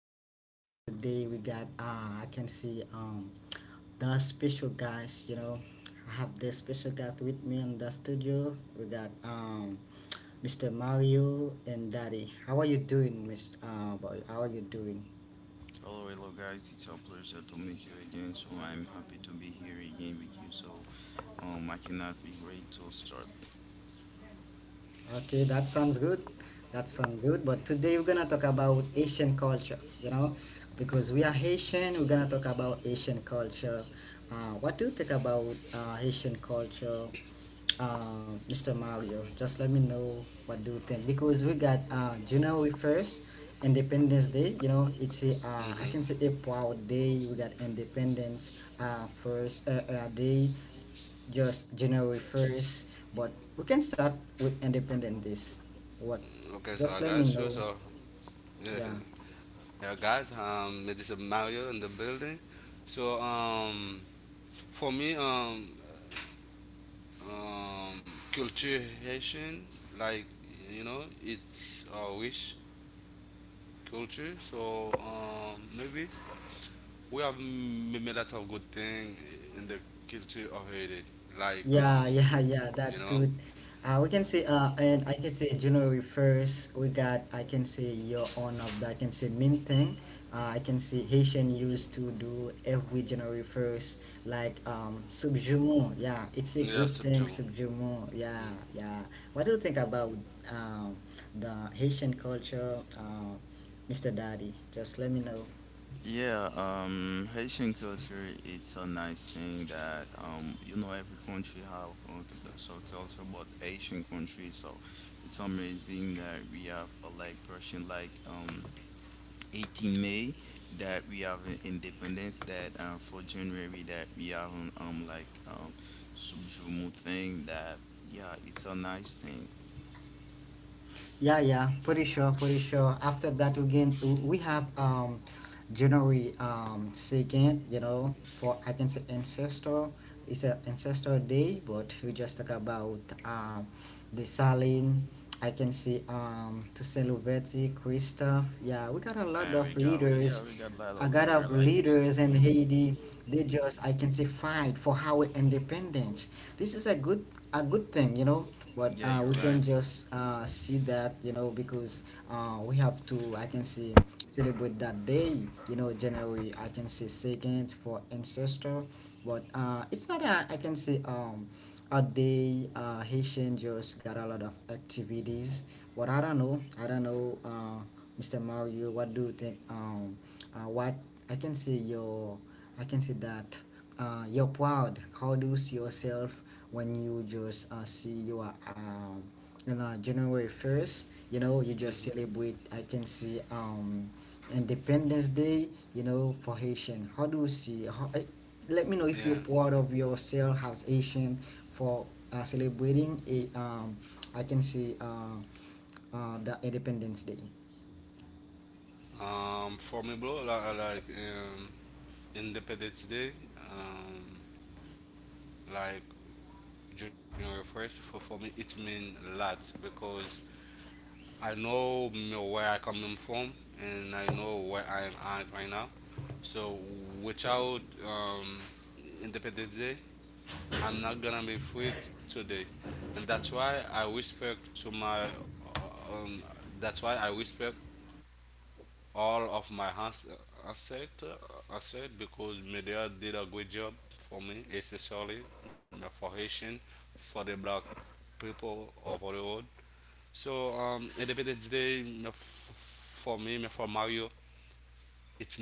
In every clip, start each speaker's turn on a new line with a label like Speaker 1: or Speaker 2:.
Speaker 1: today. Today we got, I can see the special guys. I have the special guys with me in the studio. We got Mr. Mario and Daddy. How are you doing, Mr. Boy? How are you doing?
Speaker 2: Hello, hello guys, it's a pleasure to meet you again. So I'm happy to be here again with you. I cannot be great to start.
Speaker 1: Okay, that sounds good. That sounds good. But today we're gonna talk about Asian culture, because we are Haitian, we're gonna talk about Asian culture. What do you think about Haitian culture, Mr. Mario? Just let me know what do you think because we got January 1st, Independence Day. It's a I
Speaker 3: Mm-hmm.
Speaker 1: can say a proud day. We got Independence first day just January 1st, but we can start with Independence Days. What?
Speaker 3: Okay, so I
Speaker 1: Just let me
Speaker 3: got you.
Speaker 1: know.
Speaker 3: So,
Speaker 1: Yeah.
Speaker 3: yeah, guys, this is Mario in the building. So, for me, culture Haitian, like you know, it's a wish culture. So, maybe we have made lots of good thing in the culture of Haiti, like
Speaker 1: Yeah, yeah, yeah,
Speaker 3: you
Speaker 1: that's
Speaker 3: know.
Speaker 1: good. We can say, and I can say January 1st, we got, I can say year on of that, I can say main thing. I can say Haitian used to do every January 1st, like subjument. Yeah, it's a
Speaker 3: Yeah,
Speaker 1: good thing,
Speaker 3: subdue.
Speaker 1: subjument. Yeah,
Speaker 3: Mm.
Speaker 1: yeah. What do you think about um, the Haitian culture, Mr. Daddy? Just let me know.
Speaker 2: Yeah, Haitian culture it's a nice thing that you know every country have so culture, but Asian country so it's amazing that we have a like Persian, like 18 May that we have independence that for January that we have an like subjumu thing that yeah it's a nice thing
Speaker 1: Yeah, yeah, pretty sure, pretty sure. After that, again, we have January second. For I can say ancestor. It's a ancestor day, but we just talk about the Salin. I can see to Lubetti, Christophe. Yeah, we got a lot of
Speaker 2: and
Speaker 1: leaders.
Speaker 2: yeah we got a
Speaker 1: I
Speaker 2: lot
Speaker 1: got
Speaker 2: of
Speaker 1: up
Speaker 2: leader like
Speaker 1: leaders in
Speaker 2: Beijing.
Speaker 1: Haiti. They just, I can say, fight for our independence. This is a good thing, you know. But we
Speaker 2: Yeah,
Speaker 3: Yeah.
Speaker 2: you're
Speaker 1: can
Speaker 2: right.
Speaker 1: just see that, you know, because we have to, I can say, celebrate that day, you know, January, I can say, second for ancestor. But it's not a, I can say, a day Haitian just got a lot of activities. What I don't know. I don't know, Mr. Mario. What do you think? What I can say your, I can say that you're proud. How do you see yourself when you just see you are you know January 1st? You know you just
Speaker 3: hmm
Speaker 1: celebrate. I can see Independence Day. You know for Haitian. How do you see? How, let me know if you're
Speaker 3: Yeah.
Speaker 1: proud of yourself as Asian for celebrating a I can say the Independence Day.
Speaker 3: For me, bro, like um, Independence Day, um, like January 1st. For me, it mean a lot because I know where I coming from and I know where I am at right now. So without Independence Day, I'm not gonna be free today, and that's why I respect to my. That's why I respect all of my asset asset because media did a good job for me, especially for Haitian, for the black people over the world. So, Independence Day, you know, for me, you know, for Mario,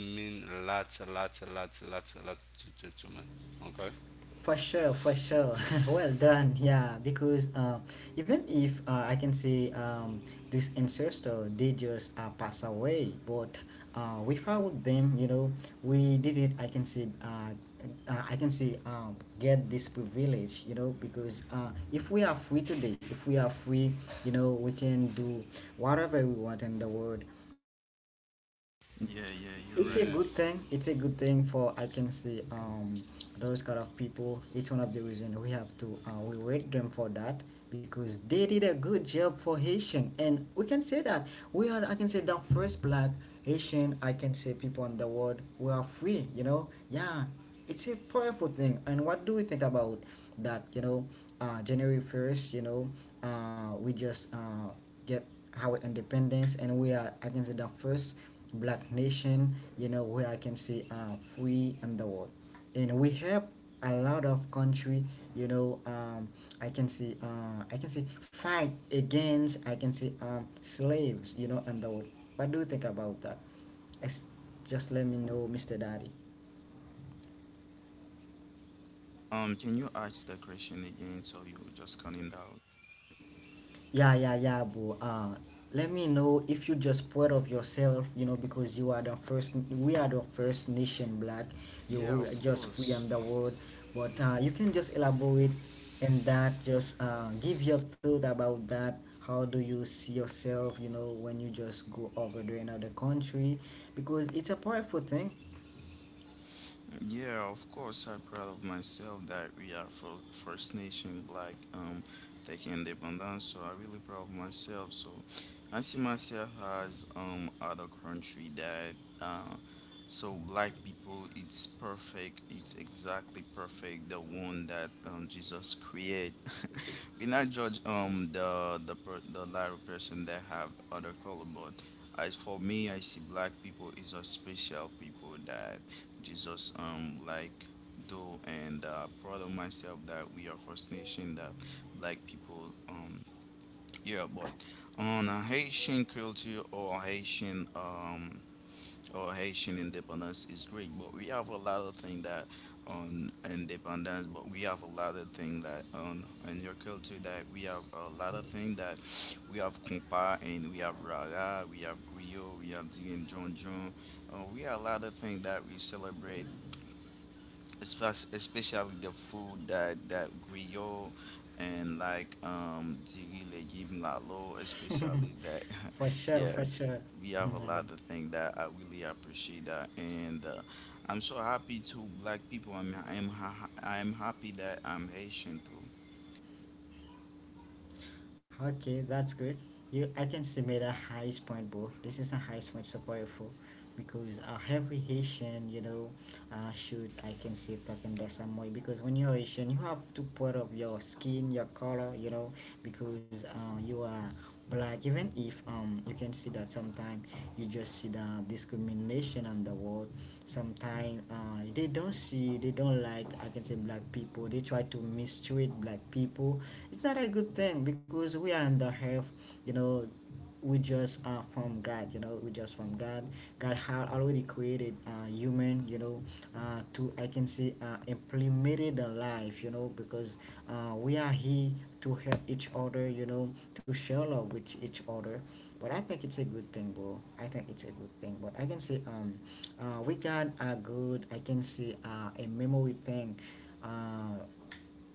Speaker 3: it mean lots, lots, lots, lots, lot to me. Okay?
Speaker 1: For sure, for sure. Well done. Yeah, because even if I can say this ancestor, they just pass away, but without them, you know, we didn't. I can say. I can say get this privilege, you know, because if we are free today, if we are free, you know, we can do whatever we want in the world.
Speaker 2: Yeah, yeah,
Speaker 1: It's
Speaker 2: you're
Speaker 1: a
Speaker 2: right.
Speaker 1: good
Speaker 3: Yeah.
Speaker 1: thing. It's a good thing for I can see those kind of people. It's one of the reason we have to we reward them for that because they did a good job for Haitian, and we can say that we are, I can say, the first black Haitian, I can say people in the world. We are free, you know. Yeah, it's a powerful thing. And what do we think about that, you know? January 1st, you know, we just get our independence, and we are, I can say, the first black nation, you know, where I can say free in the world. And we help a lot of country, you know, I can say, I can say fight against, I can say slaves, you know, in the world. What do you think about that? It's, just let me know, Mr. Daddy.
Speaker 2: Um, can you ask the question again, so you just cut it out?
Speaker 1: Yeah, yeah, yeah, bro. Let me know if you're just proud of yourself, you know, because you are the first, we are the first nation black, you who are
Speaker 2: Yeah, of
Speaker 1: just free on the
Speaker 2: course.
Speaker 1: world. But you can just elaborate and that, just give your thought about that. How do you see yourself, you know, when you just go over to another country? Because it's a powerful thing.
Speaker 2: Yeah, of course, I'm proud of myself that we are for First Nation Black taking independence. So I really proud of myself. So I see myself as other country that uh so black people it's perfect. It's exactly perfect. The one that Jesus create. We not judge the lighter person that have other color, but as for me, I see black people is a special people that Jesus like though and proud of myself that we are First Nation that black people yeah but on a Haitian culture or Haitian independence is great but we have a lot of things that on independence but we have a lot of things that on in your culture that we have a lot of things that we have compa and we have rara we have griot we have Dion John John we have a lot of things that we celebrate especially the food that griot and like diri legume lalo especially that
Speaker 1: For sure, for
Speaker 2: yeah
Speaker 1: sure.
Speaker 2: we have
Speaker 1: Yeah.
Speaker 2: a lot of things that I really appreciate that and I'm so happy to black people I'm happy that I'm Haitian too.
Speaker 1: Okay, that's good. You, I can submit a highest point, bro. This is a highest point support for because every Haitian, you know, should I can say talking that some way because when you're Haitian, you have to put up your skin, your color, you know, because you are black. Even if you can see that sometimes you just see the discrimination on the world. Sometimes they don't see, they don't like. I can say black people. They try to mistreat black people. It's not a good thing because we are in the earth, you know. We just are from God, you know, we just from God. God had already created human, you know, to I can say implemented the life, you know, because we are here to help each other, you know, to share love with each other. But I think it's a good thing, bro. I think it's a good thing. But I can say we got a good, I can say, a memory thing. uh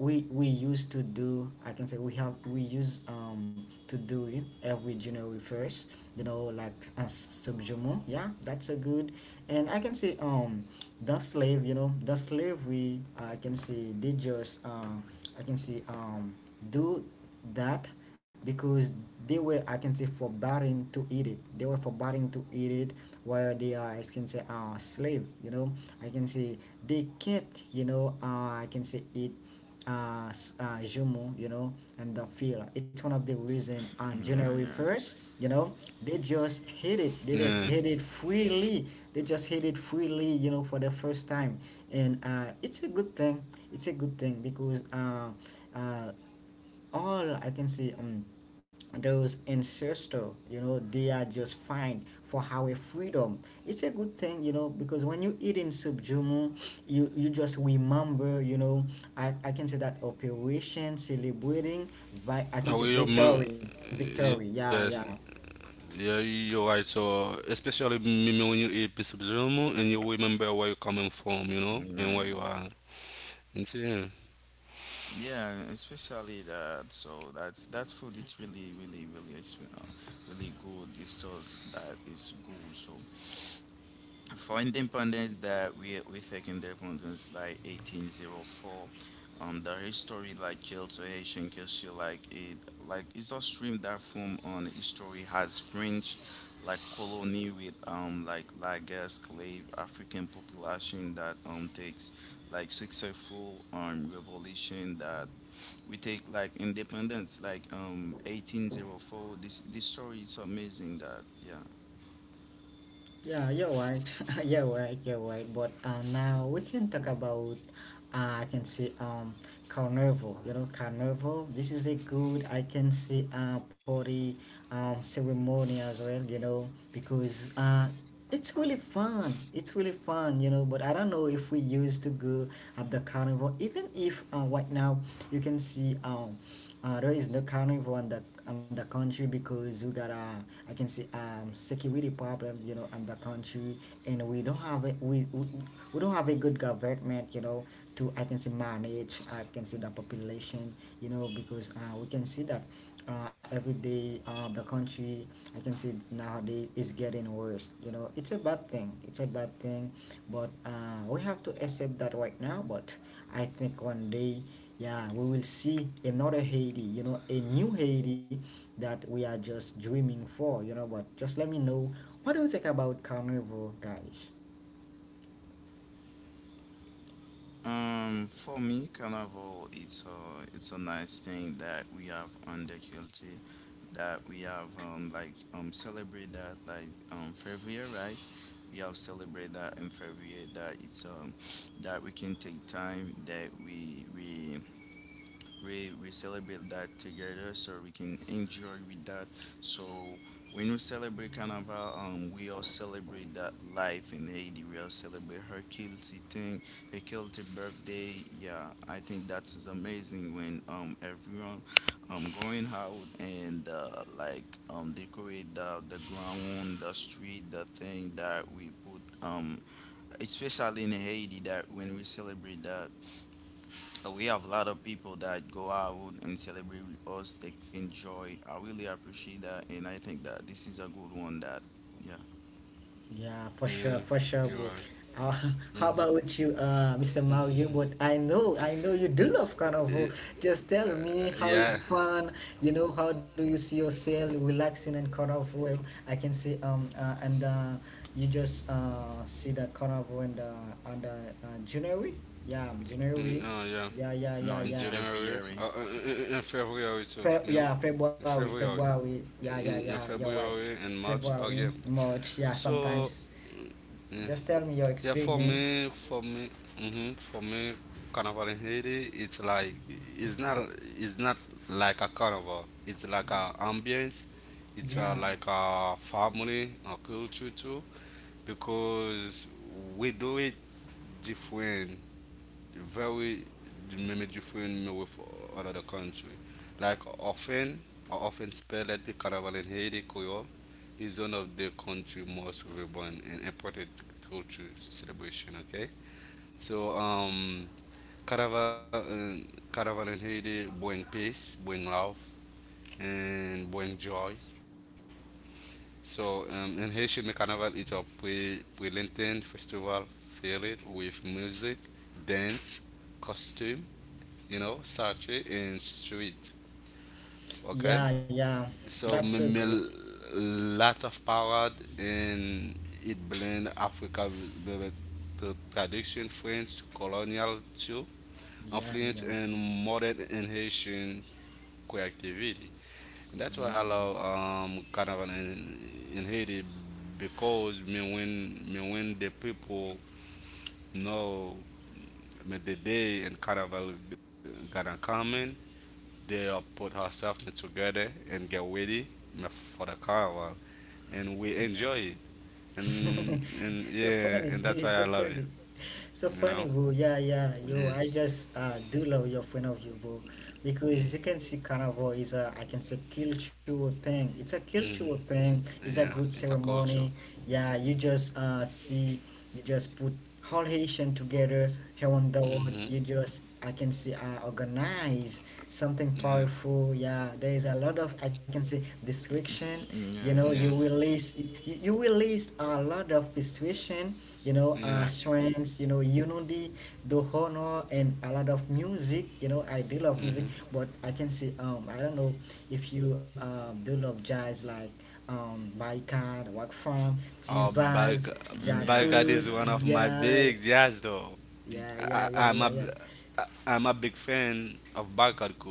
Speaker 1: we used to do, I can say, we have, we use to do it every January 1st, you know, like as subjumo. Yeah, that's a good. And I can say the slave, you know, the slave we, I can say, they just I can say do that because they were, I can say, forbidden to eat it. They were forbidden to eat it while they are, I can say, slave, you know. I can say they can't, you know, I can say eat Jumu, you know, and the feel. It's one of the reason on
Speaker 2: Mm-hmm,
Speaker 1: January 1st,
Speaker 2: yeah,
Speaker 1: you know, they just hit it. They just
Speaker 3: Yeah.
Speaker 1: hit it freely. They just hit it freely, you know, for the first time. And it's a good thing. It's a good thing because uh, all I can say those ancestor, you know, they are just fine for our freedom. It's a good thing, you know, because when you eat in subjumu, you just remember, you know. I can say that operation celebrating I can say
Speaker 3: How you,
Speaker 1: victory, victory. Yeah,
Speaker 3: yes,
Speaker 1: yeah.
Speaker 3: yeah, you're right. So, especially me, me when you eat piece of Zomo and you remember where you're coming from, you
Speaker 2: yeah,
Speaker 3: know,
Speaker 2: yeah,
Speaker 3: and where
Speaker 2: yeah,
Speaker 3: you are. You see, yeah,
Speaker 2: yeah. Especially that, so that's food it's really really good it's sauce that is good. So for independence that we take independence like 1804, the history like culture haitian culture like it like it's a stream that from on history has french like colony with like lagers slave african population that takes like successful revolution that we take like independence like 1804. This story is amazing that yeah.
Speaker 1: Yeah, you're right. You're right. You're right. But now we can talk about. I can say carnival. You know, carnival. This is a good. I can say party ceremony as well. You know, because it's really fun. It's really fun. You know, but I don't know if we used to go at the carnival. Even if right now you can see there is no carnival on the country because you got a, I can see security problem, you know, on the country. And we don't have a, we don't have a good government, you know, to I can say manage. I can see the population, you know, because we can see that every day the country, I can see, nowadays is getting worse, you know. It's a bad thing. It's a bad thing. But we have to accept that right now. But I think one day, yeah, we will see another Haiti, you know, a new Haiti that we are just dreaming for, you know. But just let me know what do you think about carnival, guys?
Speaker 2: For me, Carnival, it's a nice thing that we have on the culture, that we have like celebrate that like February, right? We have celebrate that in February that it's that we can take time that we celebrate that together so we can enjoy with that. So when we celebrate carnival we all celebrate that life in haiti we all celebrate her guilty thing, her guilty birthday. Yeah, I think that is amazing when everyone going out and like decorate the ground the street the thing that we put especially in haiti that when we celebrate that we have a lot of people that go out and celebrate with us, taking joy. I really appreciate that, and I think that this is a good one. That, yeah.
Speaker 1: Yeah,
Speaker 3: yeah,
Speaker 1: for sure,
Speaker 3: you're
Speaker 1: bro.
Speaker 3: right.
Speaker 1: Uh, how about you, Mr. Mario? But I know you do love
Speaker 3: Eh,
Speaker 1: carnival. Just tell me
Speaker 3: yeah,
Speaker 1: how is fun. You know, how do you see yourself relaxing in carnival? If I can say, and you just see the carnival and the January. Yeah, January.
Speaker 3: Yeah.
Speaker 1: Yeah, yeah, yeah,
Speaker 2: No,
Speaker 3: In
Speaker 2: it's
Speaker 1: yeah.
Speaker 3: January,
Speaker 2: February.
Speaker 3: in February too, you know,
Speaker 1: Yeah,
Speaker 3: in
Speaker 1: February,
Speaker 3: February,
Speaker 1: February. Yeah, yeah, yeah.
Speaker 3: in
Speaker 1: You're right.
Speaker 3: February and March, oh
Speaker 1: February,
Speaker 3: yeah.
Speaker 1: March. Yeah,
Speaker 3: So
Speaker 1: sometimes.
Speaker 3: yeah,
Speaker 1: Just tell me your
Speaker 3: yeah,
Speaker 1: experience.
Speaker 3: for me, carnival in Haiti, it's like it's not like a carnival. It's like a ambience. It's
Speaker 1: Yeah,
Speaker 3: like a family, a culture too, because we do it different very maybe different maybe with another country. Like often, I often spell at the carnival in Haiti, Creole, is one of the country most vibrant and important culture celebration. Okay, so carnival, uh, carnival in Haiti, bring peace, bring love, and bring joy. So in Haitian the carnival is a pre-Lenten festival filled with music, dance, costume, you know, statue and street. Okay,
Speaker 1: yeah, yeah. That's
Speaker 3: so
Speaker 1: so good.
Speaker 3: maybe lot of parade and it blend Africa with the tradition French colonial too,
Speaker 1: Yeah,
Speaker 3: influence
Speaker 1: yeah,
Speaker 3: and modern and Haitian creativity. And that's
Speaker 1: yeah,
Speaker 3: why I love carnival in Haiti because me when the people know me the day and carnival gonna come in. They'll put herself together and get ready for the carnival, and we enjoy it.
Speaker 1: yeah.
Speaker 3: And
Speaker 1: So
Speaker 3: yeah,
Speaker 1: funny.
Speaker 3: and that's
Speaker 1: It's
Speaker 3: why
Speaker 1: so
Speaker 3: I love
Speaker 1: funny.
Speaker 3: it.
Speaker 1: So
Speaker 3: You
Speaker 1: funny,
Speaker 3: know.
Speaker 1: boo. Yeah, yeah. Yo,
Speaker 3: Yeah.
Speaker 1: I just do love your point of view, boo. Because you can see carnival is a, I can say, cultural thing. It's a cultural
Speaker 3: hmm
Speaker 1: thing. It's a
Speaker 3: Yeah.
Speaker 1: good
Speaker 3: It's a
Speaker 1: ceremony.
Speaker 3: culture.
Speaker 1: Yeah, you
Speaker 3: Mm.
Speaker 1: just see, you just put all Haitian together here on the world.
Speaker 3: Mm-hmm.
Speaker 1: You just, I can see, organize something
Speaker 3: Yeah.
Speaker 1: powerful. Yeah, there is a lot of, I can say, distraction. you
Speaker 2: Mm,
Speaker 1: know
Speaker 2: yeah,
Speaker 1: you
Speaker 3: Yeah.
Speaker 2: yeah,
Speaker 1: will list you will list a lot of situation, you know,
Speaker 3: Yeah.
Speaker 1: uh, strengths, you know, unity, the honor, and a lot of music. You know, I do love music,
Speaker 3: Mm-hmm.
Speaker 1: but I can say I don't know if you do love jazz like Baikad, Wak Farm,
Speaker 3: Oh,
Speaker 1: Tivaz,
Speaker 2: yeah. Mm,
Speaker 3: Barcade
Speaker 2: yeah,
Speaker 1: Jakut,
Speaker 3: is one
Speaker 2: yeah.
Speaker 3: of
Speaker 2: Yeah.
Speaker 3: my
Speaker 1: yeah,
Speaker 3: big jazz though.
Speaker 1: yeah,
Speaker 3: I,
Speaker 1: yeah,
Speaker 3: I-
Speaker 1: yeah,
Speaker 3: I'm
Speaker 1: yeah,
Speaker 3: a,
Speaker 1: yeah.
Speaker 3: b- I'm a big fan of Barcade,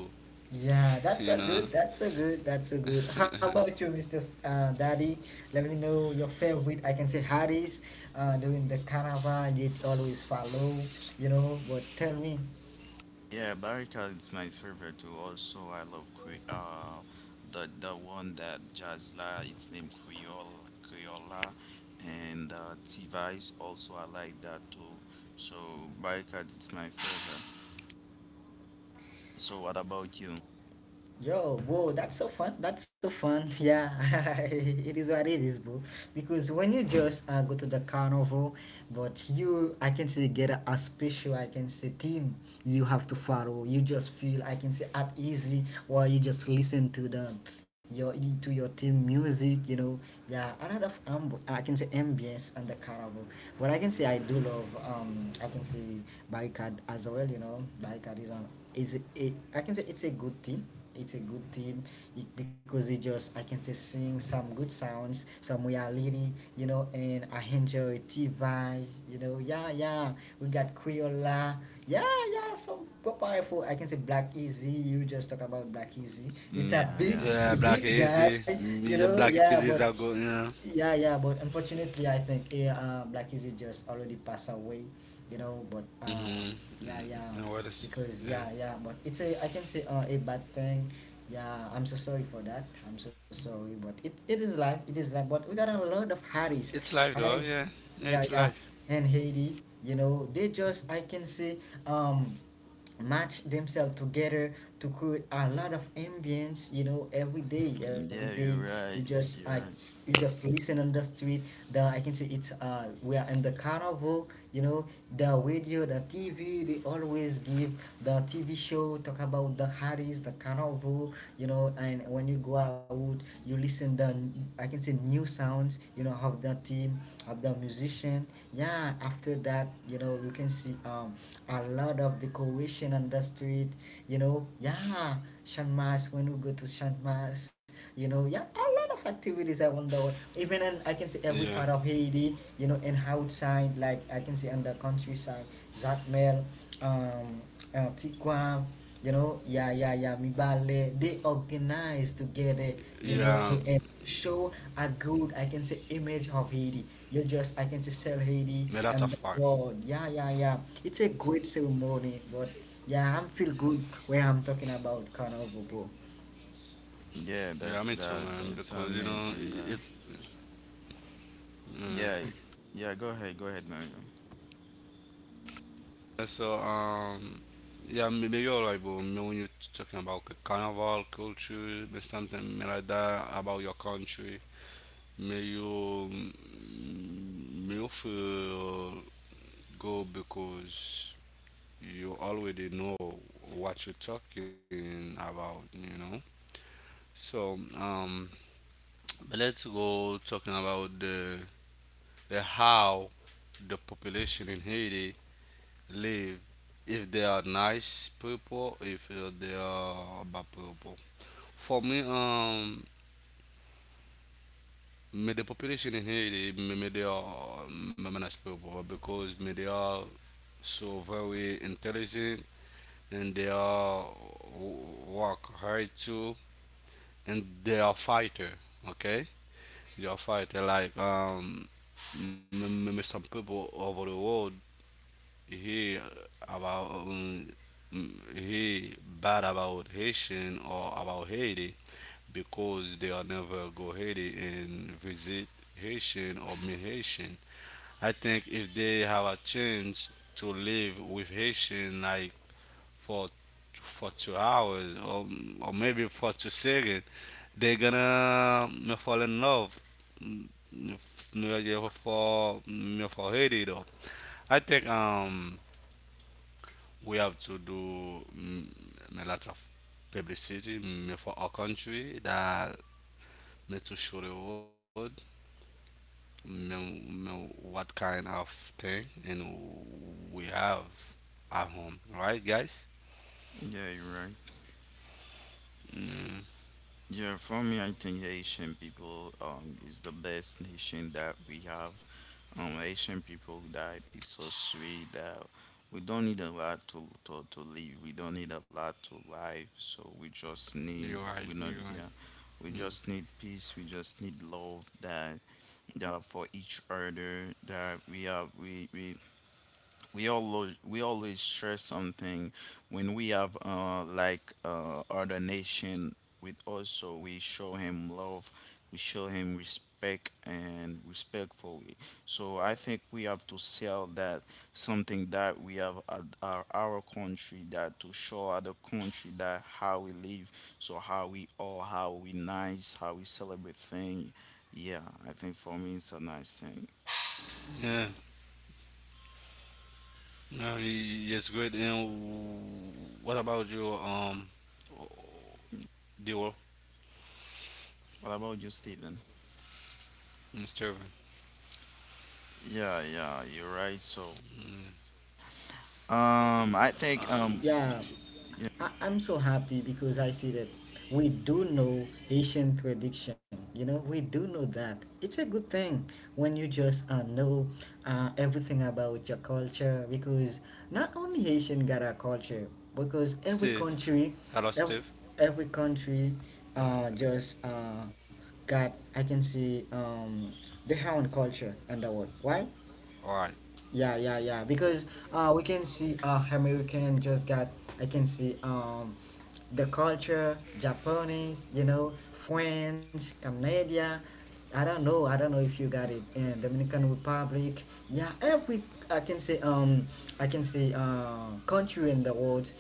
Speaker 1: Yeah,
Speaker 3: you know.
Speaker 1: that's a good. How about you, Mr. S- Daddy? Let me know your favorite. I can say Harris during the carnival, did always follow, you know, but tell me.
Speaker 2: Yeah, Barricade is my favorite too. Also, I love the one that Jazla. It's named Creole Creola, and T-Vice. Also, I like that too. So Barricade is my favorite. So what about you?
Speaker 1: Yo, bro, that's so fun. That's so fun. Yeah, it is what it is, bro. Because when you just go to the carnival, but you, I can say, get a special, I can say, team you have to follow. You just feel, I can say, at easy while you just listen to them, your to your team music, you know. Yeah, a lot of I can say ambience and the carnival. But I can say I do love, I can say, barricade as well. You know, barricade is a, I can say, it's a good team, it's a good team it, because it just I can say sing some good sounds, some reality, you know, and I enjoy T-Vice, you know, yeah, yeah. We got Quiola, yeah, yeah. So go powerful. I can say Black Easy. You just talk about Black Easy. It's
Speaker 2: Mm,
Speaker 1: a
Speaker 2: yeah,
Speaker 1: big,
Speaker 2: yeah.
Speaker 3: Yeah, Black
Speaker 1: big
Speaker 3: Easy,
Speaker 1: guy, you know,
Speaker 3: Black
Speaker 1: yeah.
Speaker 3: Easy is a
Speaker 1: But
Speaker 3: good, you know.
Speaker 1: yeah, yeah, but unfortunately I think yeah, Black Easy just already passed away, you know, but yeah,
Speaker 3: Mm-hmm.
Speaker 1: yeah.
Speaker 3: No, what is?
Speaker 1: Because
Speaker 3: Yeah,
Speaker 1: yeah, yeah, but it's a I can say a bad thing. Yeah, I'm so sorry for that. I'm so sorry, but it is life. It is life. But we got a lot of
Speaker 3: it's
Speaker 1: Harris,
Speaker 3: life though. Yeah,
Speaker 1: Harris,
Speaker 3: yeah, it's
Speaker 1: yeah, yeah.
Speaker 3: life.
Speaker 1: And Haiti, you know, they just I can say um match themselves together to create a lot of ambience, you know, every day, every
Speaker 2: Yeah,
Speaker 1: day.
Speaker 2: you're
Speaker 1: You
Speaker 2: right.
Speaker 1: just
Speaker 2: You're right.
Speaker 1: you just listen on the street. The I can say it's we are in the carnival, you know. The radio, the TV, they always give the TV show talk about the Harris, the carnival, you know. And when you go out, you listen the I can say new sounds, you know, of the team, of the musician. Yeah, after that, you know, you can see a lot of decoration on the street, you know, yeah. Shan Mas. When we go to Shan Mas, you know, yeah, a lot of activities I wonder,
Speaker 3: Yeah,
Speaker 1: world, even in I can say every part of Haiti, you know, and outside like I can say on the countryside, Jacmel, um Tikwa, you know, yeah, yeah, yeah, Mibale. They organize
Speaker 3: yeah.
Speaker 1: together, you know, and show a good, I can say, image of Haiti. You just, I can
Speaker 3: Me
Speaker 1: say,
Speaker 3: that's a
Speaker 1: sell
Speaker 3: fact.
Speaker 1: Haiti and the world. Yeah, yeah, yeah. It's a great ceremony, but yeah, I'm feel good when I'm talking about Carnival, bro.
Speaker 3: Yeah, me too,
Speaker 2: Yeah,
Speaker 3: man.
Speaker 2: that's
Speaker 3: Because you
Speaker 2: that.
Speaker 3: know,
Speaker 2: It's
Speaker 3: it's.
Speaker 2: amazing.
Speaker 3: Yeah.
Speaker 2: Yeah, yeah. Go ahead. Go ahead, Mario.
Speaker 3: Yeah, so yeah, me, me you're right, but me when you're talking about carnival culture, me something me like that about your country. Me you feel go because you already know what you're talking about. You know. So, but let's go talking about the how the population in Haiti live. If they are nice people, if they are bad people. For me, me the population in Haiti, me, me they are me, me nice people because me they are so very intelligent and they are work hard too and they are fighter. Okay, you fight some people over the world hear about hear bad about Haitian or about Haiti because they are never go Haiti and visit Haitian or meet Haitian. I think if they have a chance to live with Haitian like for for 2 hours or maybe for 2 seconds. They're gonna fall in love mm, yeah, for for Haiti though. I think we have to do a lot of publicity for our country that need to show the world what kind of thing and we have at home, right, guys?
Speaker 2: Yeah, you're right.
Speaker 3: Mm.
Speaker 2: Yeah, for me, I think Haitian people is the best nation that we have. Haitian people that is so sweet that we don't need a lot to live. We don't need a lot to life. So we just
Speaker 3: You're right.
Speaker 2: need
Speaker 3: You're
Speaker 2: we
Speaker 3: right.
Speaker 2: not yeah, we just need peace. We just need love that that for each other that we have we all we always share something when we have like other nation with us so we show him love we show him respect and respectfully. So I think we have to sell that something that we have at our country that to show other country that how we live so how we are how we nice how we celebrate thing yeah I think for me it's a nice thing.
Speaker 3: Yeah, no, it's good. And what about you? Duo
Speaker 2: What about you, Steven?
Speaker 3: and Steven.
Speaker 2: Yeah, yeah, you're right. So, I think,
Speaker 1: Yeah,
Speaker 2: yeah,
Speaker 1: I'm so happy because I see that we do know Asian tradition. You know, we do know that. It's a good thing when you just uh know uh everything about your culture, because not only Haitian got a culture, because every
Speaker 3: Steve.
Speaker 1: country,
Speaker 3: Hello,
Speaker 1: ev-
Speaker 3: Steve.
Speaker 1: every country uh just uh got, I can see, their own culture and the world. Why?
Speaker 3: All right.
Speaker 1: Yeah, yeah, yeah. Because uh we can see I mean, we can just get I can see the culture, Japanese, you know, French, Canada. I don't know. I don't know if you got it. And Dominican Republic. Yeah, every I can say country in the world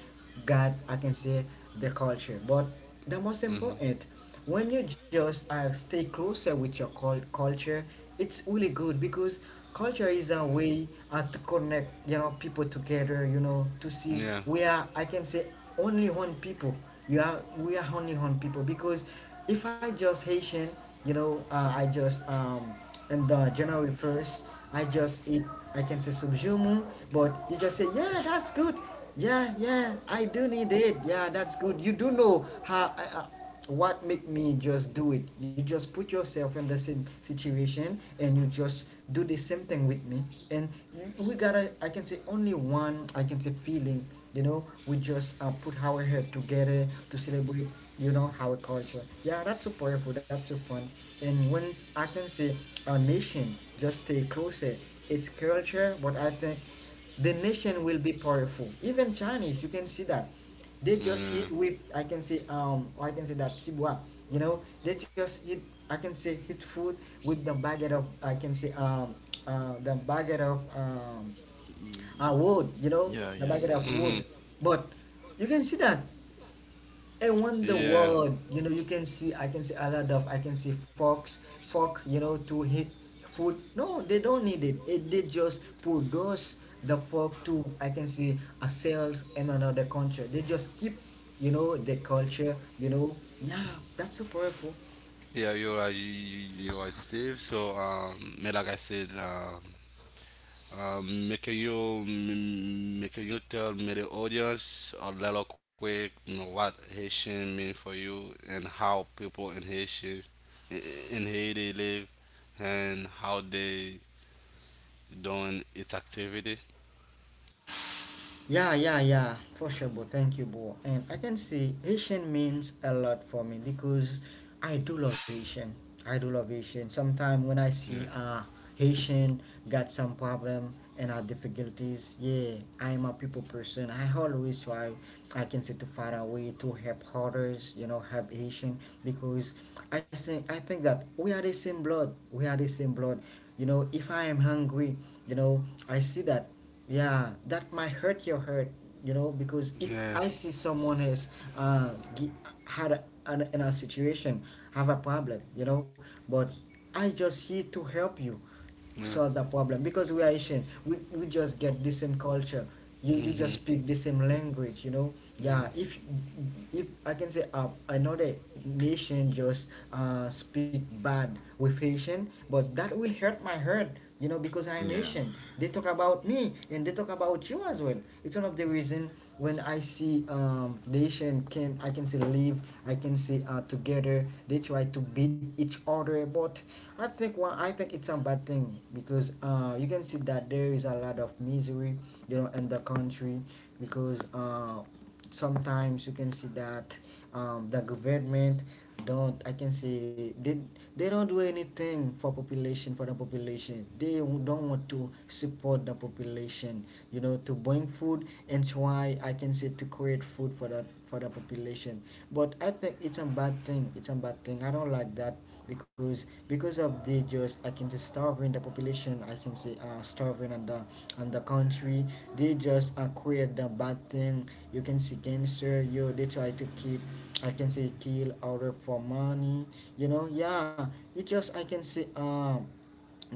Speaker 1: got I can say the culture. But the most
Speaker 3: Mhm.
Speaker 1: important when you just uh stay closer with your culture, it's really good, because culture is a way uh to connect, you know, people together, you know, to see
Speaker 3: Yeah.
Speaker 1: we are I can say only one people. You are We are only one people, because if I just Haitian, you know, uh I just and January 1st, I just eat, I can say subjumu, but you just say, yeah, that's good. Yeah, yeah, I do need it. Yeah, that's good. You do know how, uh, what make me just do it. You just put yourself in the same situation and you just do the same thing with me. And you, we gotta, I can say only one, I can say feeling, you know, we just uh put our head together to celebrate, you know, our culture. Yeah, that's so powerful. That's so fun. And when I can say a nation just stay closer, it's culture, but I think the nation will be powerful. Even Chinese, you can see that they just
Speaker 3: Yeah.
Speaker 1: hit with I can say or I can say that tibua, you know, they just hit I can say hit food with the baguette of I can say the baguette of ah, wood, you know,
Speaker 2: yeah,
Speaker 1: the
Speaker 2: yeah,
Speaker 1: background of
Speaker 2: yeah,
Speaker 3: Mhm.
Speaker 1: wood. But you can see that. And when the
Speaker 3: Yeah.
Speaker 1: world, you know, you can see, I can see a lot of, I can see fork, you know, to hit food. No, they don't need it. It did just produce the fork to, I can see, a sales in another country. They just keep, you know, the culture, you know. Yeah, that's so powerful.
Speaker 3: Yeah. You are you are Steve. So me like I said um, make you make you tell me the audience a little quick, you know, what Haitian mean for you and how people in Haitian in Haiti live and how they doing its activity.
Speaker 1: Yeah, yeah, yeah, for sure, bro. Thank you, bro. And I can see Haitian means a lot for me, because I do love Haitian. I do love Haitian. Sometimes when I see
Speaker 3: Yeah.
Speaker 1: Haitian got some problem and our difficulties, yeah, I am a people person. I always try. I can say to find a way to help others. You know, help Haitian, because I think that we are the same blood. We are the same blood. You know, if I am hungry, you know, I see that, yeah, that might hurt your heart, you know, because if
Speaker 3: Yeah.
Speaker 1: I see someone has uh, gi- had a, an, in a situation, have a problem, you know, but I just here to help you
Speaker 3: Yeah.
Speaker 1: solve the problem, because we are Asian, we just get the same culture. You
Speaker 3: Mm-hmm.
Speaker 1: just speak the same language, you know,
Speaker 3: Yeah.
Speaker 1: yeah. If I can say uh another nation just uh speak bad with Haitian, but that will hurt my heart, you know, because
Speaker 2: yeah,
Speaker 1: I'm
Speaker 2: yeah,
Speaker 1: Haitian. They talk about me and they talk about you as well. It's one of the reason. When I see nation can I can say live I can say uh together they try to beat each other, but I think one I think it's a bad thing, because uh you can see that there is a lot of misery, you know, in the country. Because uh sometimes you can see that the government don't I can say they don't do anything for population, for the population. They don't want to support the population, you know, to bring food and try I can say to create food for that, for the population. But I think it's a bad thing. It's a bad thing, I don't like that. Because of the just I can just starving the population, I can say uh starving on the country. They just uh create the bad thing. You can see gangster, yo, they try to keep I can say kill order for money, you know, yeah. You just I can say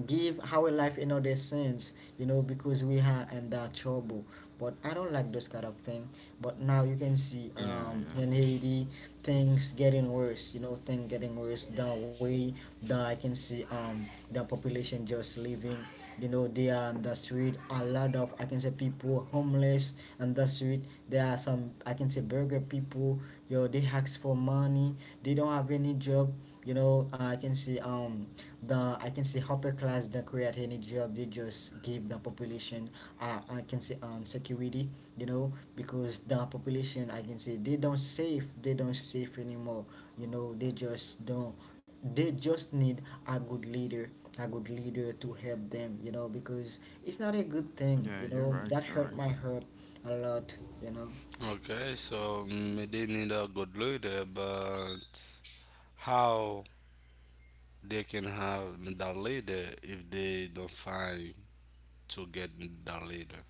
Speaker 1: give our life another sense, you know, because we are in that trouble. But I don't like those kind of thing. But now you can
Speaker 2: yeah,
Speaker 1: see
Speaker 2: yeah,
Speaker 1: in Haiti things getting worse, you know, things getting worse, the way that I can see the population just living, you know. They are on the street, a lot of I can say people homeless on the street. There are some I can say burger people, yo, they ask for money. They don't have any job. You know, I can see the I can see upper class that create any job. They just give the population uh, I can see security. You know, because the population I can say they don't save. They don't save anymore. You know, they just don't. They just need a good leader, a good leader to help them, you know, because it's not a good thing,
Speaker 2: yeah,
Speaker 1: you
Speaker 2: you're
Speaker 1: know,
Speaker 2: right,
Speaker 1: that
Speaker 2: you're right.
Speaker 1: hurt my heart a lot. you know
Speaker 3: Okay, so they need a good leader, but how they can have that leader if they don't find to get that later.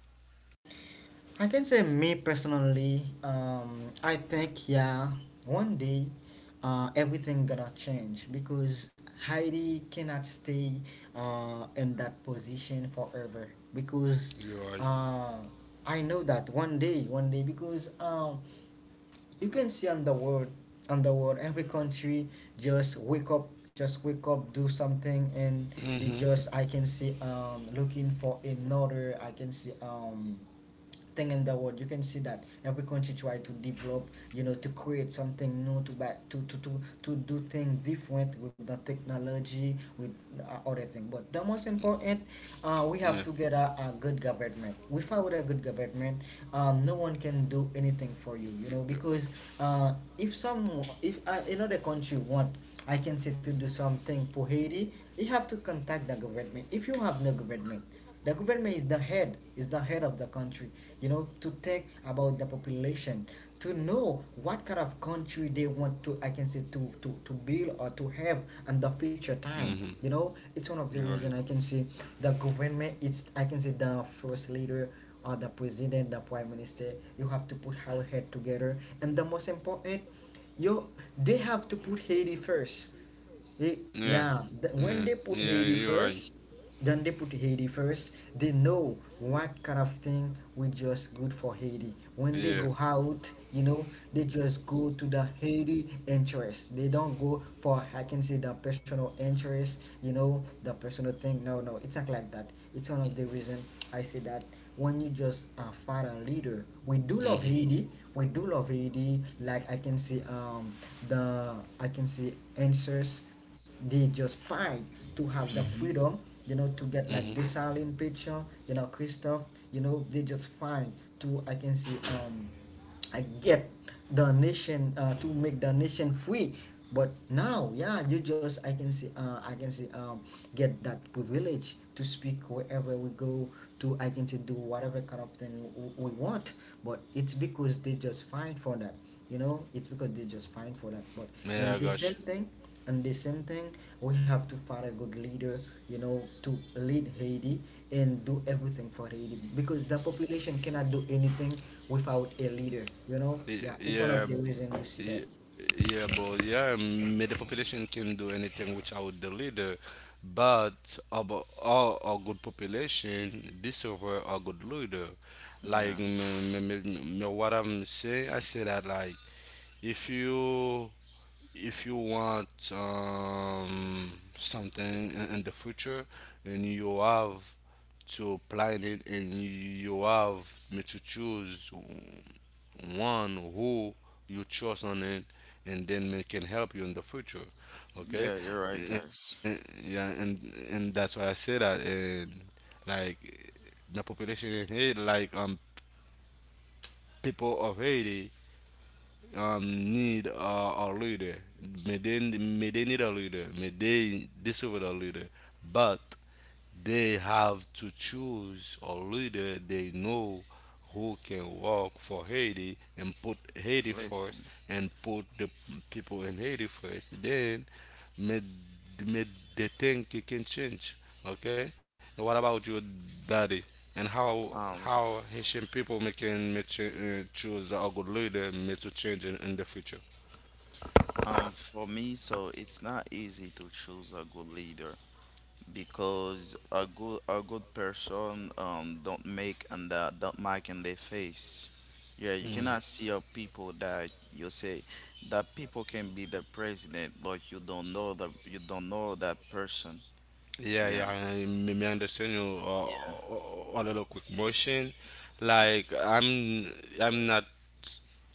Speaker 1: I can say me personally, I think yeah, one day, everything gonna change because Heidi cannot stay in that position forever. Because
Speaker 3: You're right.
Speaker 1: uh, I know that one day, one day, because you can see on the world, every country just wake up, do something. And they
Speaker 3: Mm-hmm.
Speaker 1: just, I can see looking for another, I can see thing in the world. You can see that every country try to develop, you know, to create something new, to back to to do things different with the technology, with other thing. But the most
Speaker 3: Yeah.
Speaker 1: important, we have to get a good government. Without a good government, no one can do anything for you, you know. Because if some if another country want, I can say, to do something for Haiti, you have to contact the government. If you have no government, the government is the head of the country, you know, to take about the population, to know what kind of country they want to, I can say, to build or to have in the future
Speaker 3: Mm-hmm.
Speaker 1: time. You know,
Speaker 3: You're
Speaker 1: it's one
Speaker 3: right.
Speaker 1: of the reason I can say the government, it's, I can say, the first leader or the president, the prime minister. You have to put our head together. And the most important, you, they have to put Haiti first. He,
Speaker 3: Yeah.
Speaker 1: yeah,
Speaker 3: Yeah.
Speaker 1: when they put
Speaker 3: Yeah.
Speaker 1: Haiti
Speaker 3: You're right.
Speaker 1: first, then they put Haiti first, they know what kind of thing we just good for Haiti. When they
Speaker 3: Yeah.
Speaker 1: go out, you know, they just go to the Haiti interest. They don't go for, I can say, the personal interest, you know, the personal thing. No, no, it's not like that. It's one of the reason I say that when you just find a leader, we do love
Speaker 3: Mm-hmm.
Speaker 1: Haiti. We do love Haiti. Like I can see, the, I can see answers did just fine to have the
Speaker 2: Mm-hmm.
Speaker 1: freedom, you know, to get
Speaker 3: Mm-hmm.
Speaker 1: like this silent picture, you know, Christoph. You know they just fine to, I can see, I get the nation, to make the nation free. But now, yeah, you just, I can see, I can see, get that privilege to speak wherever we go, to, I can say, do whatever kind of thing we want. But it's because they just fight for that, you know, it's because they just fine for that. But
Speaker 3: Yeah,
Speaker 1: and
Speaker 3: I
Speaker 1: the
Speaker 3: got.
Speaker 1: same thing and the same thing, we have to find a good leader, you know, to lead Haiti and do everything for Haiti, because the population cannot do anything without a leader, you know. Yeah, it's one of
Speaker 3: Yeah,
Speaker 1: the reason you see that.
Speaker 3: yeah, bro. Yeah, me the population can do anything without the leader, but about all a good population deserve a good leader. Like
Speaker 2: Yeah,
Speaker 3: what I'm saying, I say that like if you if you want something in the future and you have to plan it and you have me to choose one who you chose on it and then it can help you in the future, okay.
Speaker 2: yeah, you're right,
Speaker 3: And,
Speaker 2: guys.
Speaker 3: yeah, and that's why I say that, and like the population in haiti like people of haiti need a leader. May they need a leader. May they deserve a leader. But they have to choose a leader they know who can work for Haiti and put Haiti
Speaker 2: Listen,
Speaker 3: first and put the people in Haiti first. Then may, may they think it can change. Okay? And what about your daddy? And
Speaker 2: um,
Speaker 3: how
Speaker 2: f-
Speaker 3: Haitian people making make choose a good leader make to change in the future.
Speaker 2: for me, so it's not easy to choose a good leader because a good person don't make and that don't mark in their face. Yeah, you
Speaker 3: Mm.
Speaker 2: cannot see a people that you say that people can be the president, but you don't know the you don't know that person.
Speaker 3: Yeah,
Speaker 2: Yeah,
Speaker 3: yeah, I, me, me understand you
Speaker 2: yeah.
Speaker 3: a little quick motion. Like I'm not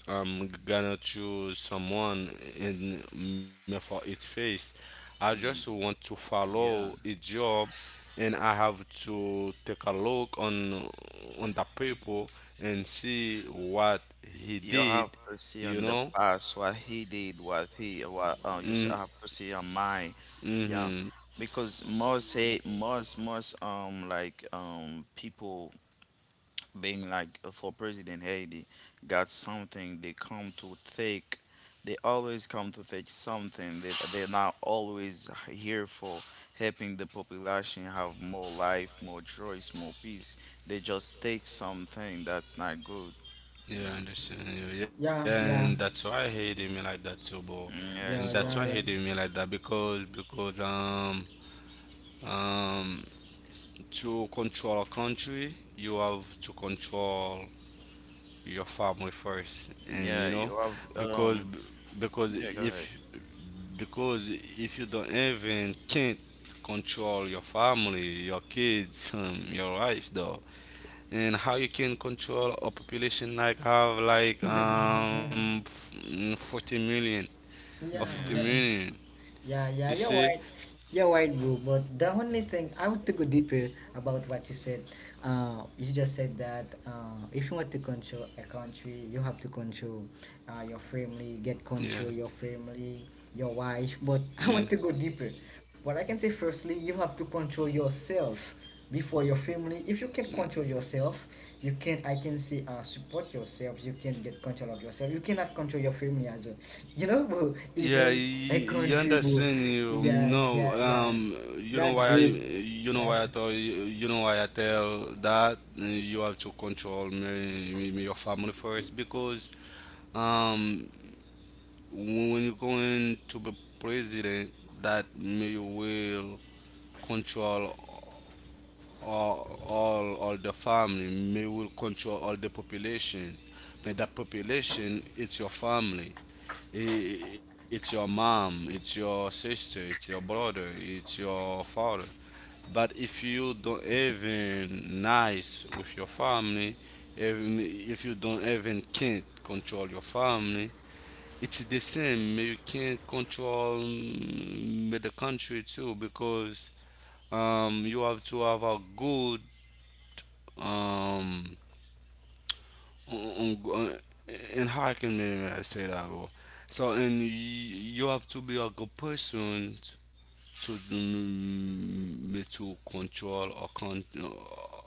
Speaker 3: gonna choose someone in me for its face. I just want
Speaker 2: Ye-
Speaker 3: to follow
Speaker 2: yeah.
Speaker 3: a job and I have to take a look on the people and see what he
Speaker 2: You
Speaker 3: did,
Speaker 2: have to see
Speaker 3: you
Speaker 2: on the
Speaker 3: know?
Speaker 2: past what he did, what he what you s-
Speaker 3: Mm,
Speaker 2: have to see on my, yeah,
Speaker 3: Mm-hmm.
Speaker 2: because most hate most most like people being like for president Haiti got something they come to take. They always come to take something. They're not always here for helping the population have more life more choice more peace. They just take something that's not good.
Speaker 3: Yeah, I
Speaker 2: Yeah.
Speaker 3: understand you. Yeah,
Speaker 1: Yeah,
Speaker 3: and
Speaker 1: yeah,
Speaker 3: that's why I hated me like that too, bro.
Speaker 2: Mm, yeah.
Speaker 3: And
Speaker 1: yeah.
Speaker 3: that's
Speaker 2: So
Speaker 3: why I
Speaker 1: Yeah, yeah.
Speaker 3: hated me like that because um to control a country you have to control your family first, and you
Speaker 2: yeah,
Speaker 3: know
Speaker 2: you have
Speaker 3: because because
Speaker 2: yeah go ahead.
Speaker 3: if because if you don't even can't control your family, your kids your wife, though, and how you can control a population like have like 40 million or 50
Speaker 1: Yeah,
Speaker 2: Yeah,
Speaker 1: yeah.
Speaker 3: million,
Speaker 1: Yeah,
Speaker 3: you
Speaker 1: yeah, you're
Speaker 3: see
Speaker 1: right. You're right, bro. But the only thing, I want to go deeper about what you said. You just said that if you want to control a country, you have to control your family, get
Speaker 3: yeah
Speaker 1: control your family, your wife. But I
Speaker 3: yeah.
Speaker 1: want to go deeper. But I can say, firstly, you have to control yourself before your family. If you can control yourself, you can, I can say, support yourself. You can get control of yourself, you cannot control your family as well. You know, bro,
Speaker 3: Yeah, you,
Speaker 1: even a
Speaker 3: you
Speaker 1: country, bro.
Speaker 3: understand you
Speaker 1: Yeah,
Speaker 3: know.
Speaker 1: yeah, yeah.
Speaker 3: Um, you
Speaker 1: That's
Speaker 3: know why
Speaker 1: good. That's
Speaker 3: I tell you, you know why I tell that you have to control me, me, me your family first because um when you're going to be president, that me you will control all the family, may will control all the population. But that population, it's your family. I- It's your mom, it's your sister, it's your brother, it's your father. But if you don't even nice with your family, even if you don't even can't control your family, it's the same. You can't control the country too because you have to have a good um, on, and how I can maybe I say that? Bro? So, and you have to be a good person to mm, me to control a,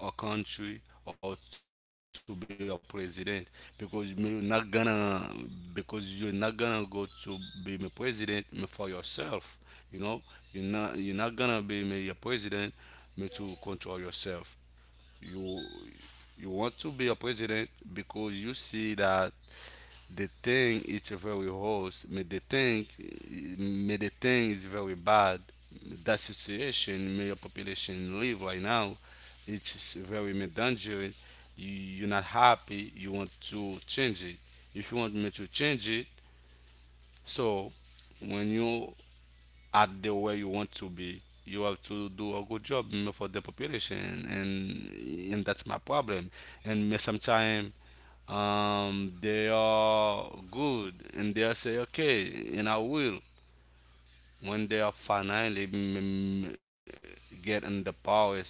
Speaker 3: a country or to be a president because me you're not gonna, because you're not gonna go to be me president me for yourself. You know, you're not gonna be me a president me to control yourself, you you want to be a president because you see that the thing it's very worse, may the thing is very bad, that situation may your population live right now, it's very may dangerous, you, you're not happy, you want to change it, if you want me to change it, so when you at the way you want to be. You have to do a good job, you know, for the population, and that's my problem. And me sometimes they are good, and they are say okay, and I will. When they are finally get in the power, say,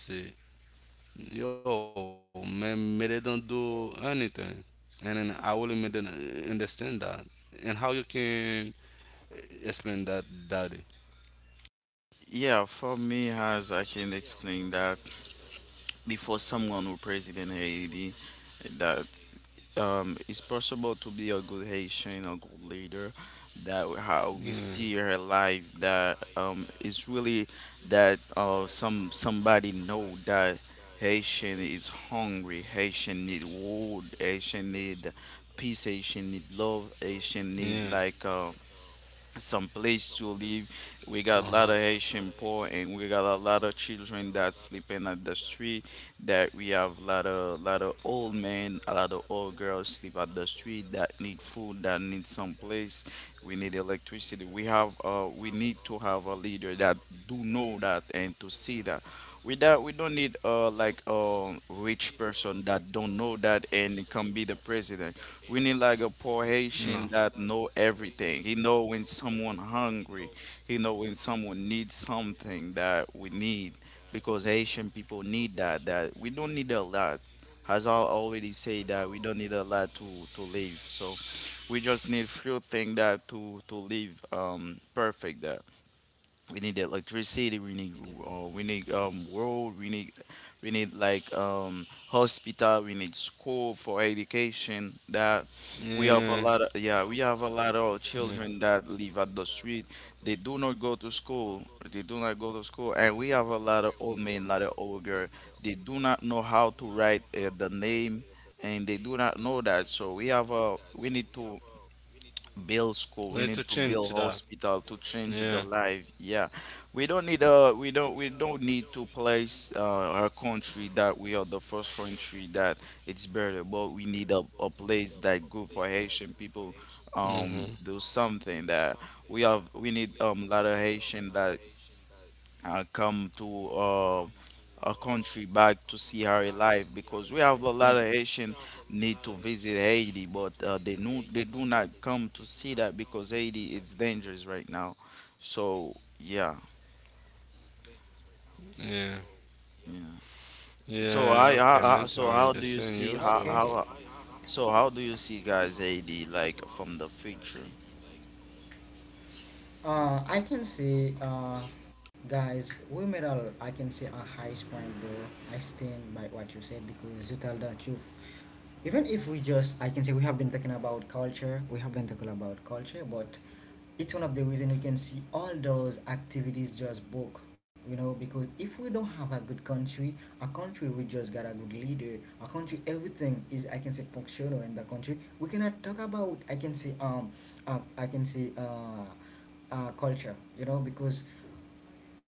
Speaker 3: yo, man, me they don't do anything, and then I will make them understand that. And how you can explain that, daddy?
Speaker 2: yeah, for me as I can explain that before someone who president Haiti that it's possible to be a good Haitian, a good leader. That how we
Speaker 3: Yeah,
Speaker 2: see her life. That it's really that some somebody know that Haitian is hungry. Haitian need wood. Haitian need peace. Haitian need love. Haitian need like some place to live. We got a lot of Haitian poor, and we got a lot of children that sleeping at the street. That we have a lot of old men, a lot of old girls sleep at the street that need food, that need some place. We need electricity. We need to have a leader that do know that and to see that. We that we don't need like a rich person that don't know that and can be the president. We need like a poor Haitian that know everything. He know when someone hungry. He know when someone needs something that we need because Haitian people need that. That we don't need a lot. As I already say that we don't need a lot to live. So we just
Speaker 3: so
Speaker 2: need few things that to live perfect. We need electricity. We need road. We need hospital. We need school for education. That we
Speaker 3: yeah.
Speaker 2: have a lot of yeah we have a lot of children that live at the street. They do not go to school. They do not go to school, and we have a lot of old men, lot of old girl. They do not know how to write the name, and they do not know that. So we have a we need to
Speaker 3: We
Speaker 2: build
Speaker 3: need to
Speaker 2: school we need
Speaker 3: change
Speaker 2: to build hospital to change the life. Yeah, we don't need to place our country that we are the first country that it's better but we need a place that good for haitian people
Speaker 3: because
Speaker 2: do something that we have we need lot of haitian that come to our country back to see her alive because we have a lot of Haitian need to visit Haiti, but they no they do not come to see that because Haiti is dangerous right now. So yeah, yeah.
Speaker 3: yeah. Okay, man. So I
Speaker 2: So
Speaker 3: understand
Speaker 2: I
Speaker 3: you.
Speaker 2: so
Speaker 3: So
Speaker 2: how do you see
Speaker 1: okay.
Speaker 2: how so how do you see guys Haiti like from the future?
Speaker 1: I can see, guys, we made a, I can see, a highest point, bro. I stand by what you said because you tell the truth. Even if we just, I can say, we have been talking about culture, but it's one of the reason you can see all those activities just broke. You know, because if we don't have a good country, a country we just got a good leader, a country everything is, I can say, functional in the country, we cannot talk about, I can say, uh, i can say uh culture, you know. Because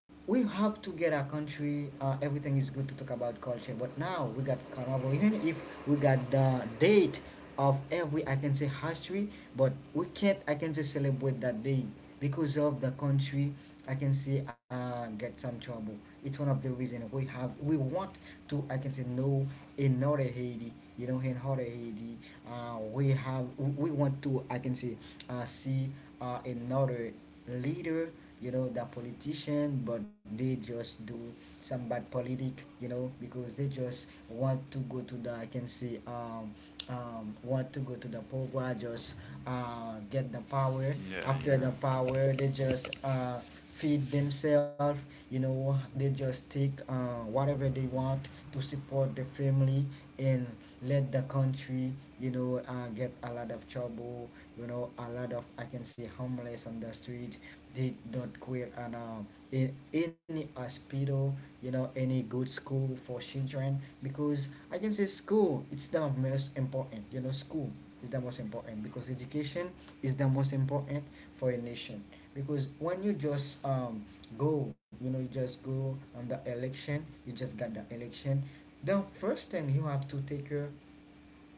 Speaker 1: we have to get our country. Everything is good to talk about culture, but now we got carnival. Even if we got the date of every, I can say, history, but we can't, I can say, celebrate that day because of the country, I can say, get some trouble. It's one of the reason we have. We want to, I can say, know another Haiti. You know, in other Haiti, we have, we want to, I can say, see another leader, you know, the politician. But they just do some bad politic, you know, because they just want to go to the, I can say, want to go to the power, just get the power.
Speaker 2: Yeah,
Speaker 1: After
Speaker 2: yeah.
Speaker 1: the power, they just feed themselves. You know, they just take whatever they want to support the family, and let the country, you know, get a lot of trouble. You know, a lot of, I can see, homeless on the street. They don't quit and in any hospital, you know, any good school for children. Because, I can say, school, it's the most important. You know, school is the most important, because education is the most important for a nation. Because when you just go, you know, you just go on the election, you just got the election, the first thing you have to take care,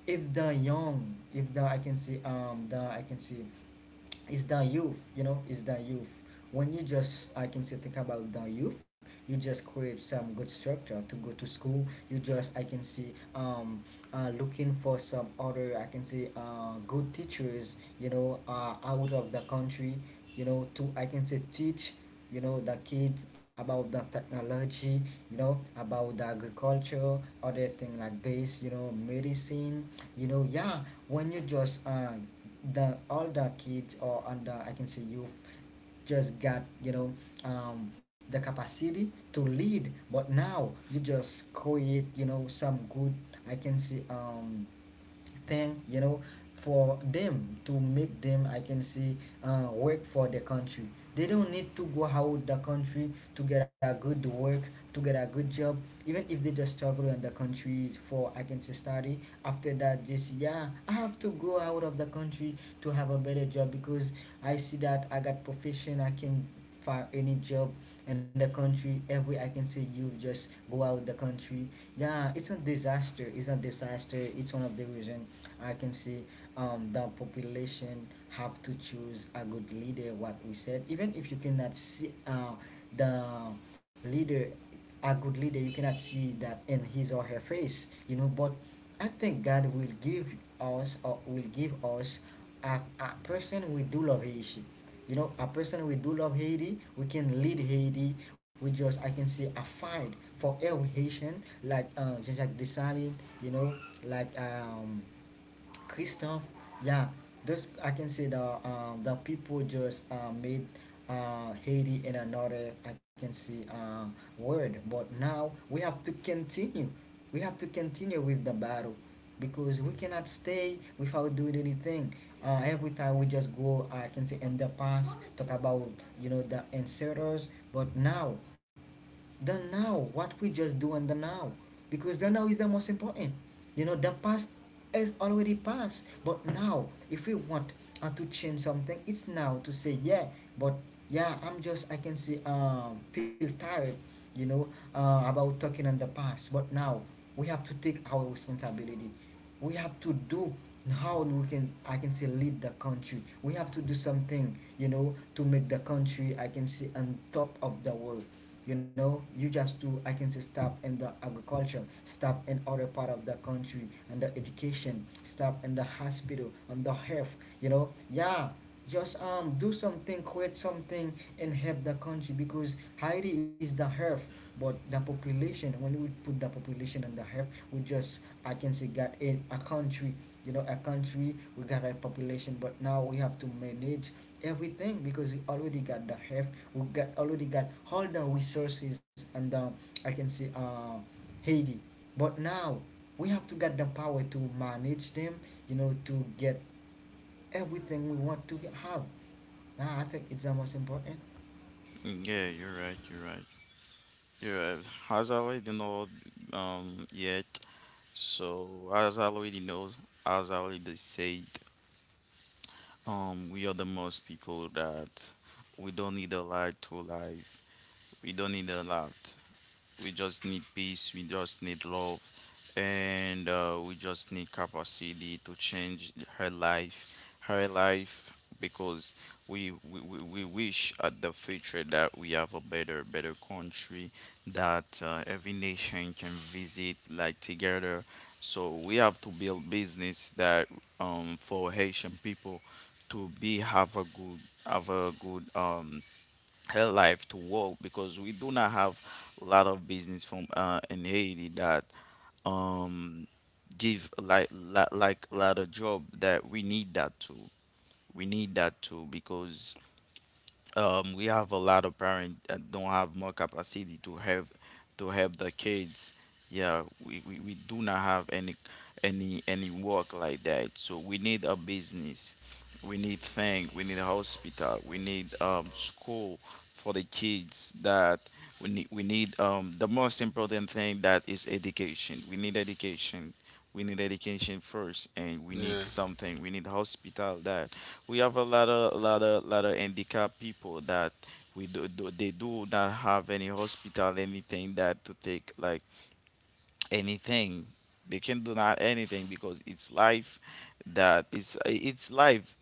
Speaker 1: if the young, if the, I can say, the, I can say, it's the youth, you know. It's the youth. When you just, I can say, think about the youth, you just create some good structure to go to school. You just, I can see, looking for some other, I can say, good teachers, you know, out of the country. You know, to, I can say, teach, you know, the kids about the technology, you know, about the agriculture, other thing like this, you know, medicine, you know. Yeah, when you just the all the kids or under, I can say, youth just got, you know, the capacity to lead. But now you just create, you know, some good, I can say, thing, you know, for them, to make them, I can say, work for the country. They don't need to go out the country to get a good work, to get a good job. Even if they just struggle in the country for, I can say, study, after that just yeah, I have to go out of the country to have a better job. Because I see that I got profession, I can find any job in the country, every, I can see, you just go out the country. Yeah, it's a disaster. It's a disaster. It's one of the reason, I can see, the population have to choose a good leader, what we said. Even if you cannot see the leader, a good leader, you cannot see that in his or her face, you know. But I think God will give us, or will give us, a person we do love Haiti, you know, a person we do love Haiti, we can lead Haiti, we just, I can say, a fight for every Haitian like Jean-Jacques Dessalines, you know, like Christoph. Yeah, those, I can say, the people just made Haiti in another, I can see, word. But now we have to continue. We have to continue with the battle, because we cannot stay without doing anything. Every time we just go, I can say, in the past, talk about, you know, the inserters. But now, the now, what we just do in the now, because the now is the most important. You know, the past is already past. But now, if we want to change something, it's now to say. Yeah, but yeah, I'm just, I can see, feel tired, you know, about talking on the past. But now we have to take our responsibility. We have to do how we can, I can say, lead the country. We have to do something, you know, to make the country, I can say, on top of the world. You know, you just do, I can say, stop in the agriculture, stop in other part of the country and the education, stop in the hospital and the health, you know. Yeah, just do something, create something, and help the country. Because Haiti is the health, but the population, when we put the population and the health, we just, I can say, got in a country, you know, a country we got a population. But now we have to manage everything, because we already got the health, we got, already got all the resources and the, I can say, Haiti. But now we have to get the power to manage them, you know, to get everything we want to have. Now I think it's the most important.
Speaker 2: Yeah, you're right, you're right. You're right. As I already know yet. So as I already know, as I already said, um, we are the most people that we don't need a lot to live. We don't need a lot. We just need peace. We just need love, and we just need capacity to change her life, because we wish at the future that we have a better better country that every nation can visit like together. So we have to build business that for Haitian people to be have a good her life to work because we do not have a lot of business from in Haiti that um give like a lot of job that we need that too. We need that too because we have a lot of parents that don't have more capacity to help the kids. Yeah, we do not have any any work like that. So we need a business. We need thing. We need a hospital. We need school for the kids. That we need the most important thing that is education. We need education. We need education first, and we
Speaker 3: yeah.
Speaker 2: need something. We need hospital that we have a lot of lot of handicapped people that we do, do they do not have any hospital anything that to take like anything they can do not anything because it's life that it's life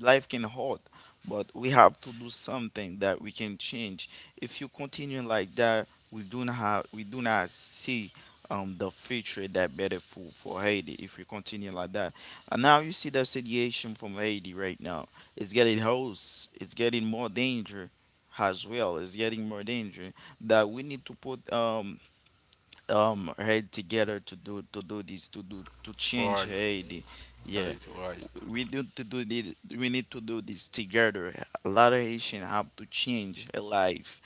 Speaker 2: life can hurt, but we have to do something that we can change. If you continue like that, we do not have, we do not see the future that better for Haiti if we continue like that. And now you see the situation from Haiti right now. It's getting worse. It's getting more danger as well. It's getting more danger that we need to put head together to do this to do to
Speaker 3: How right.
Speaker 2: change
Speaker 3: Should
Speaker 2: Haiti. Yeah
Speaker 3: right. Right.
Speaker 2: we need to do this, we need to do this together. A lot of Haitian have to change a life,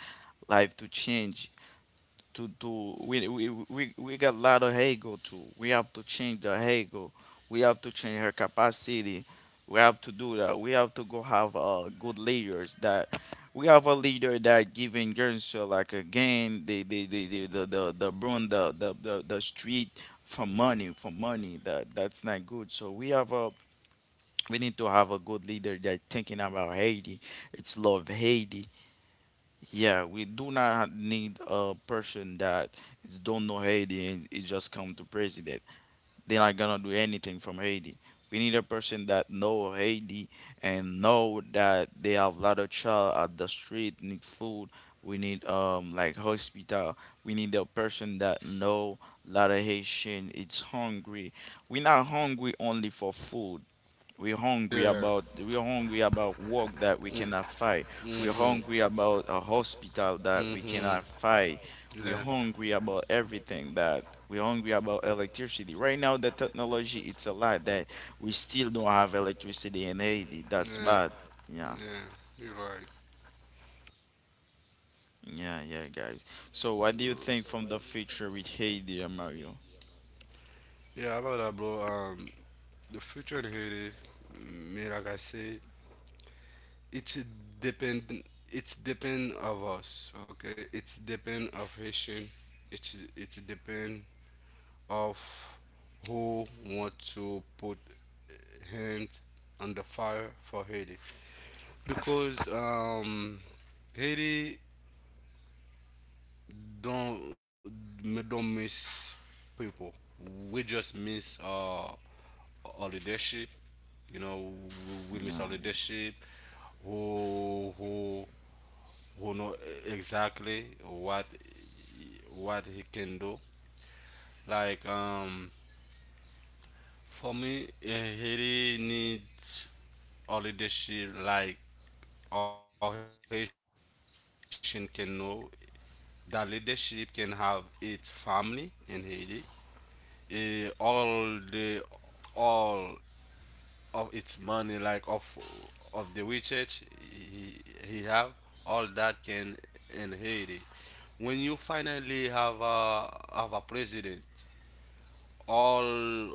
Speaker 2: life to change. To do we got a lot of ego too. We have to change our ego. We have to change her capacity. We have to do that. We have to go have good leaders that we have a leader that giving girls like again the, broom, the street for money that that's not good so we have a we need to have a good leader that thinking about Haiti. It's love Haiti. Yeah, we do not need a person that is don't know Haiti and it just come to president. They're not gonna do anything from Haiti. We need a person that know Haiti and know that they have a lot of child at the street need food. We need like hospital. We need a person that know lot of Haitian. It's hungry. We're not hungry only for food.
Speaker 3: Yeah.
Speaker 2: We're hungry about work that we cannot find.
Speaker 3: We are
Speaker 2: We're
Speaker 3: mhm.
Speaker 2: hungry about a hospital that we
Speaker 3: Mhm. cannot
Speaker 2: cannot find.
Speaker 3: Yeah. We're
Speaker 2: We're hungry about everything that we're hungry about electricity. Right now, the technology it's a lot that we still don't have electricity in Haiti.
Speaker 3: yeah,
Speaker 2: That's
Speaker 3: bad.
Speaker 2: bad. Yeah,
Speaker 3: Yeah, you're right.
Speaker 2: yeah, yeah, guys. So, what do you think from the future with Haiti, Mario?
Speaker 3: Yeah, about that, bro. The future in Haiti, me like I say, it's depend. It's depend of us. Okay, it's depend of Haitian. It's depend of who want to put hand on the fire for Haiti because Haiti don't don't miss people. We just miss our leadership. You know, we miss our
Speaker 2: Yeah,
Speaker 3: leadership. Who who know exactly what he can do. Like for me, eh, Haiti needs our leadership. Like all Haitian can know that leadership can have its family in Haiti, eh, all of its money like of the research he have all that can in Haiti. When you finally have a president, all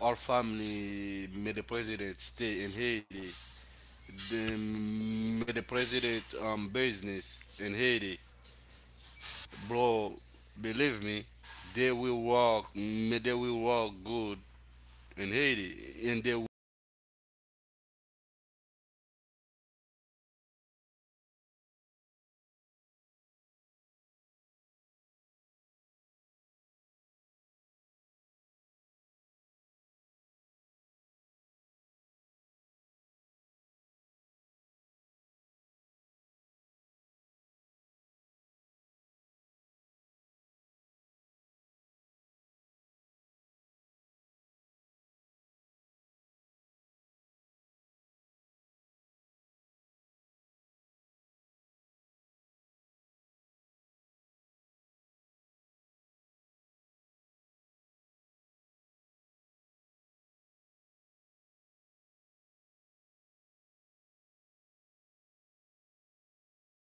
Speaker 3: all family made the president stay in Haiti, the made the president business in Haiti, bro, believe me, they will work, may they will work good in Haiti, and they will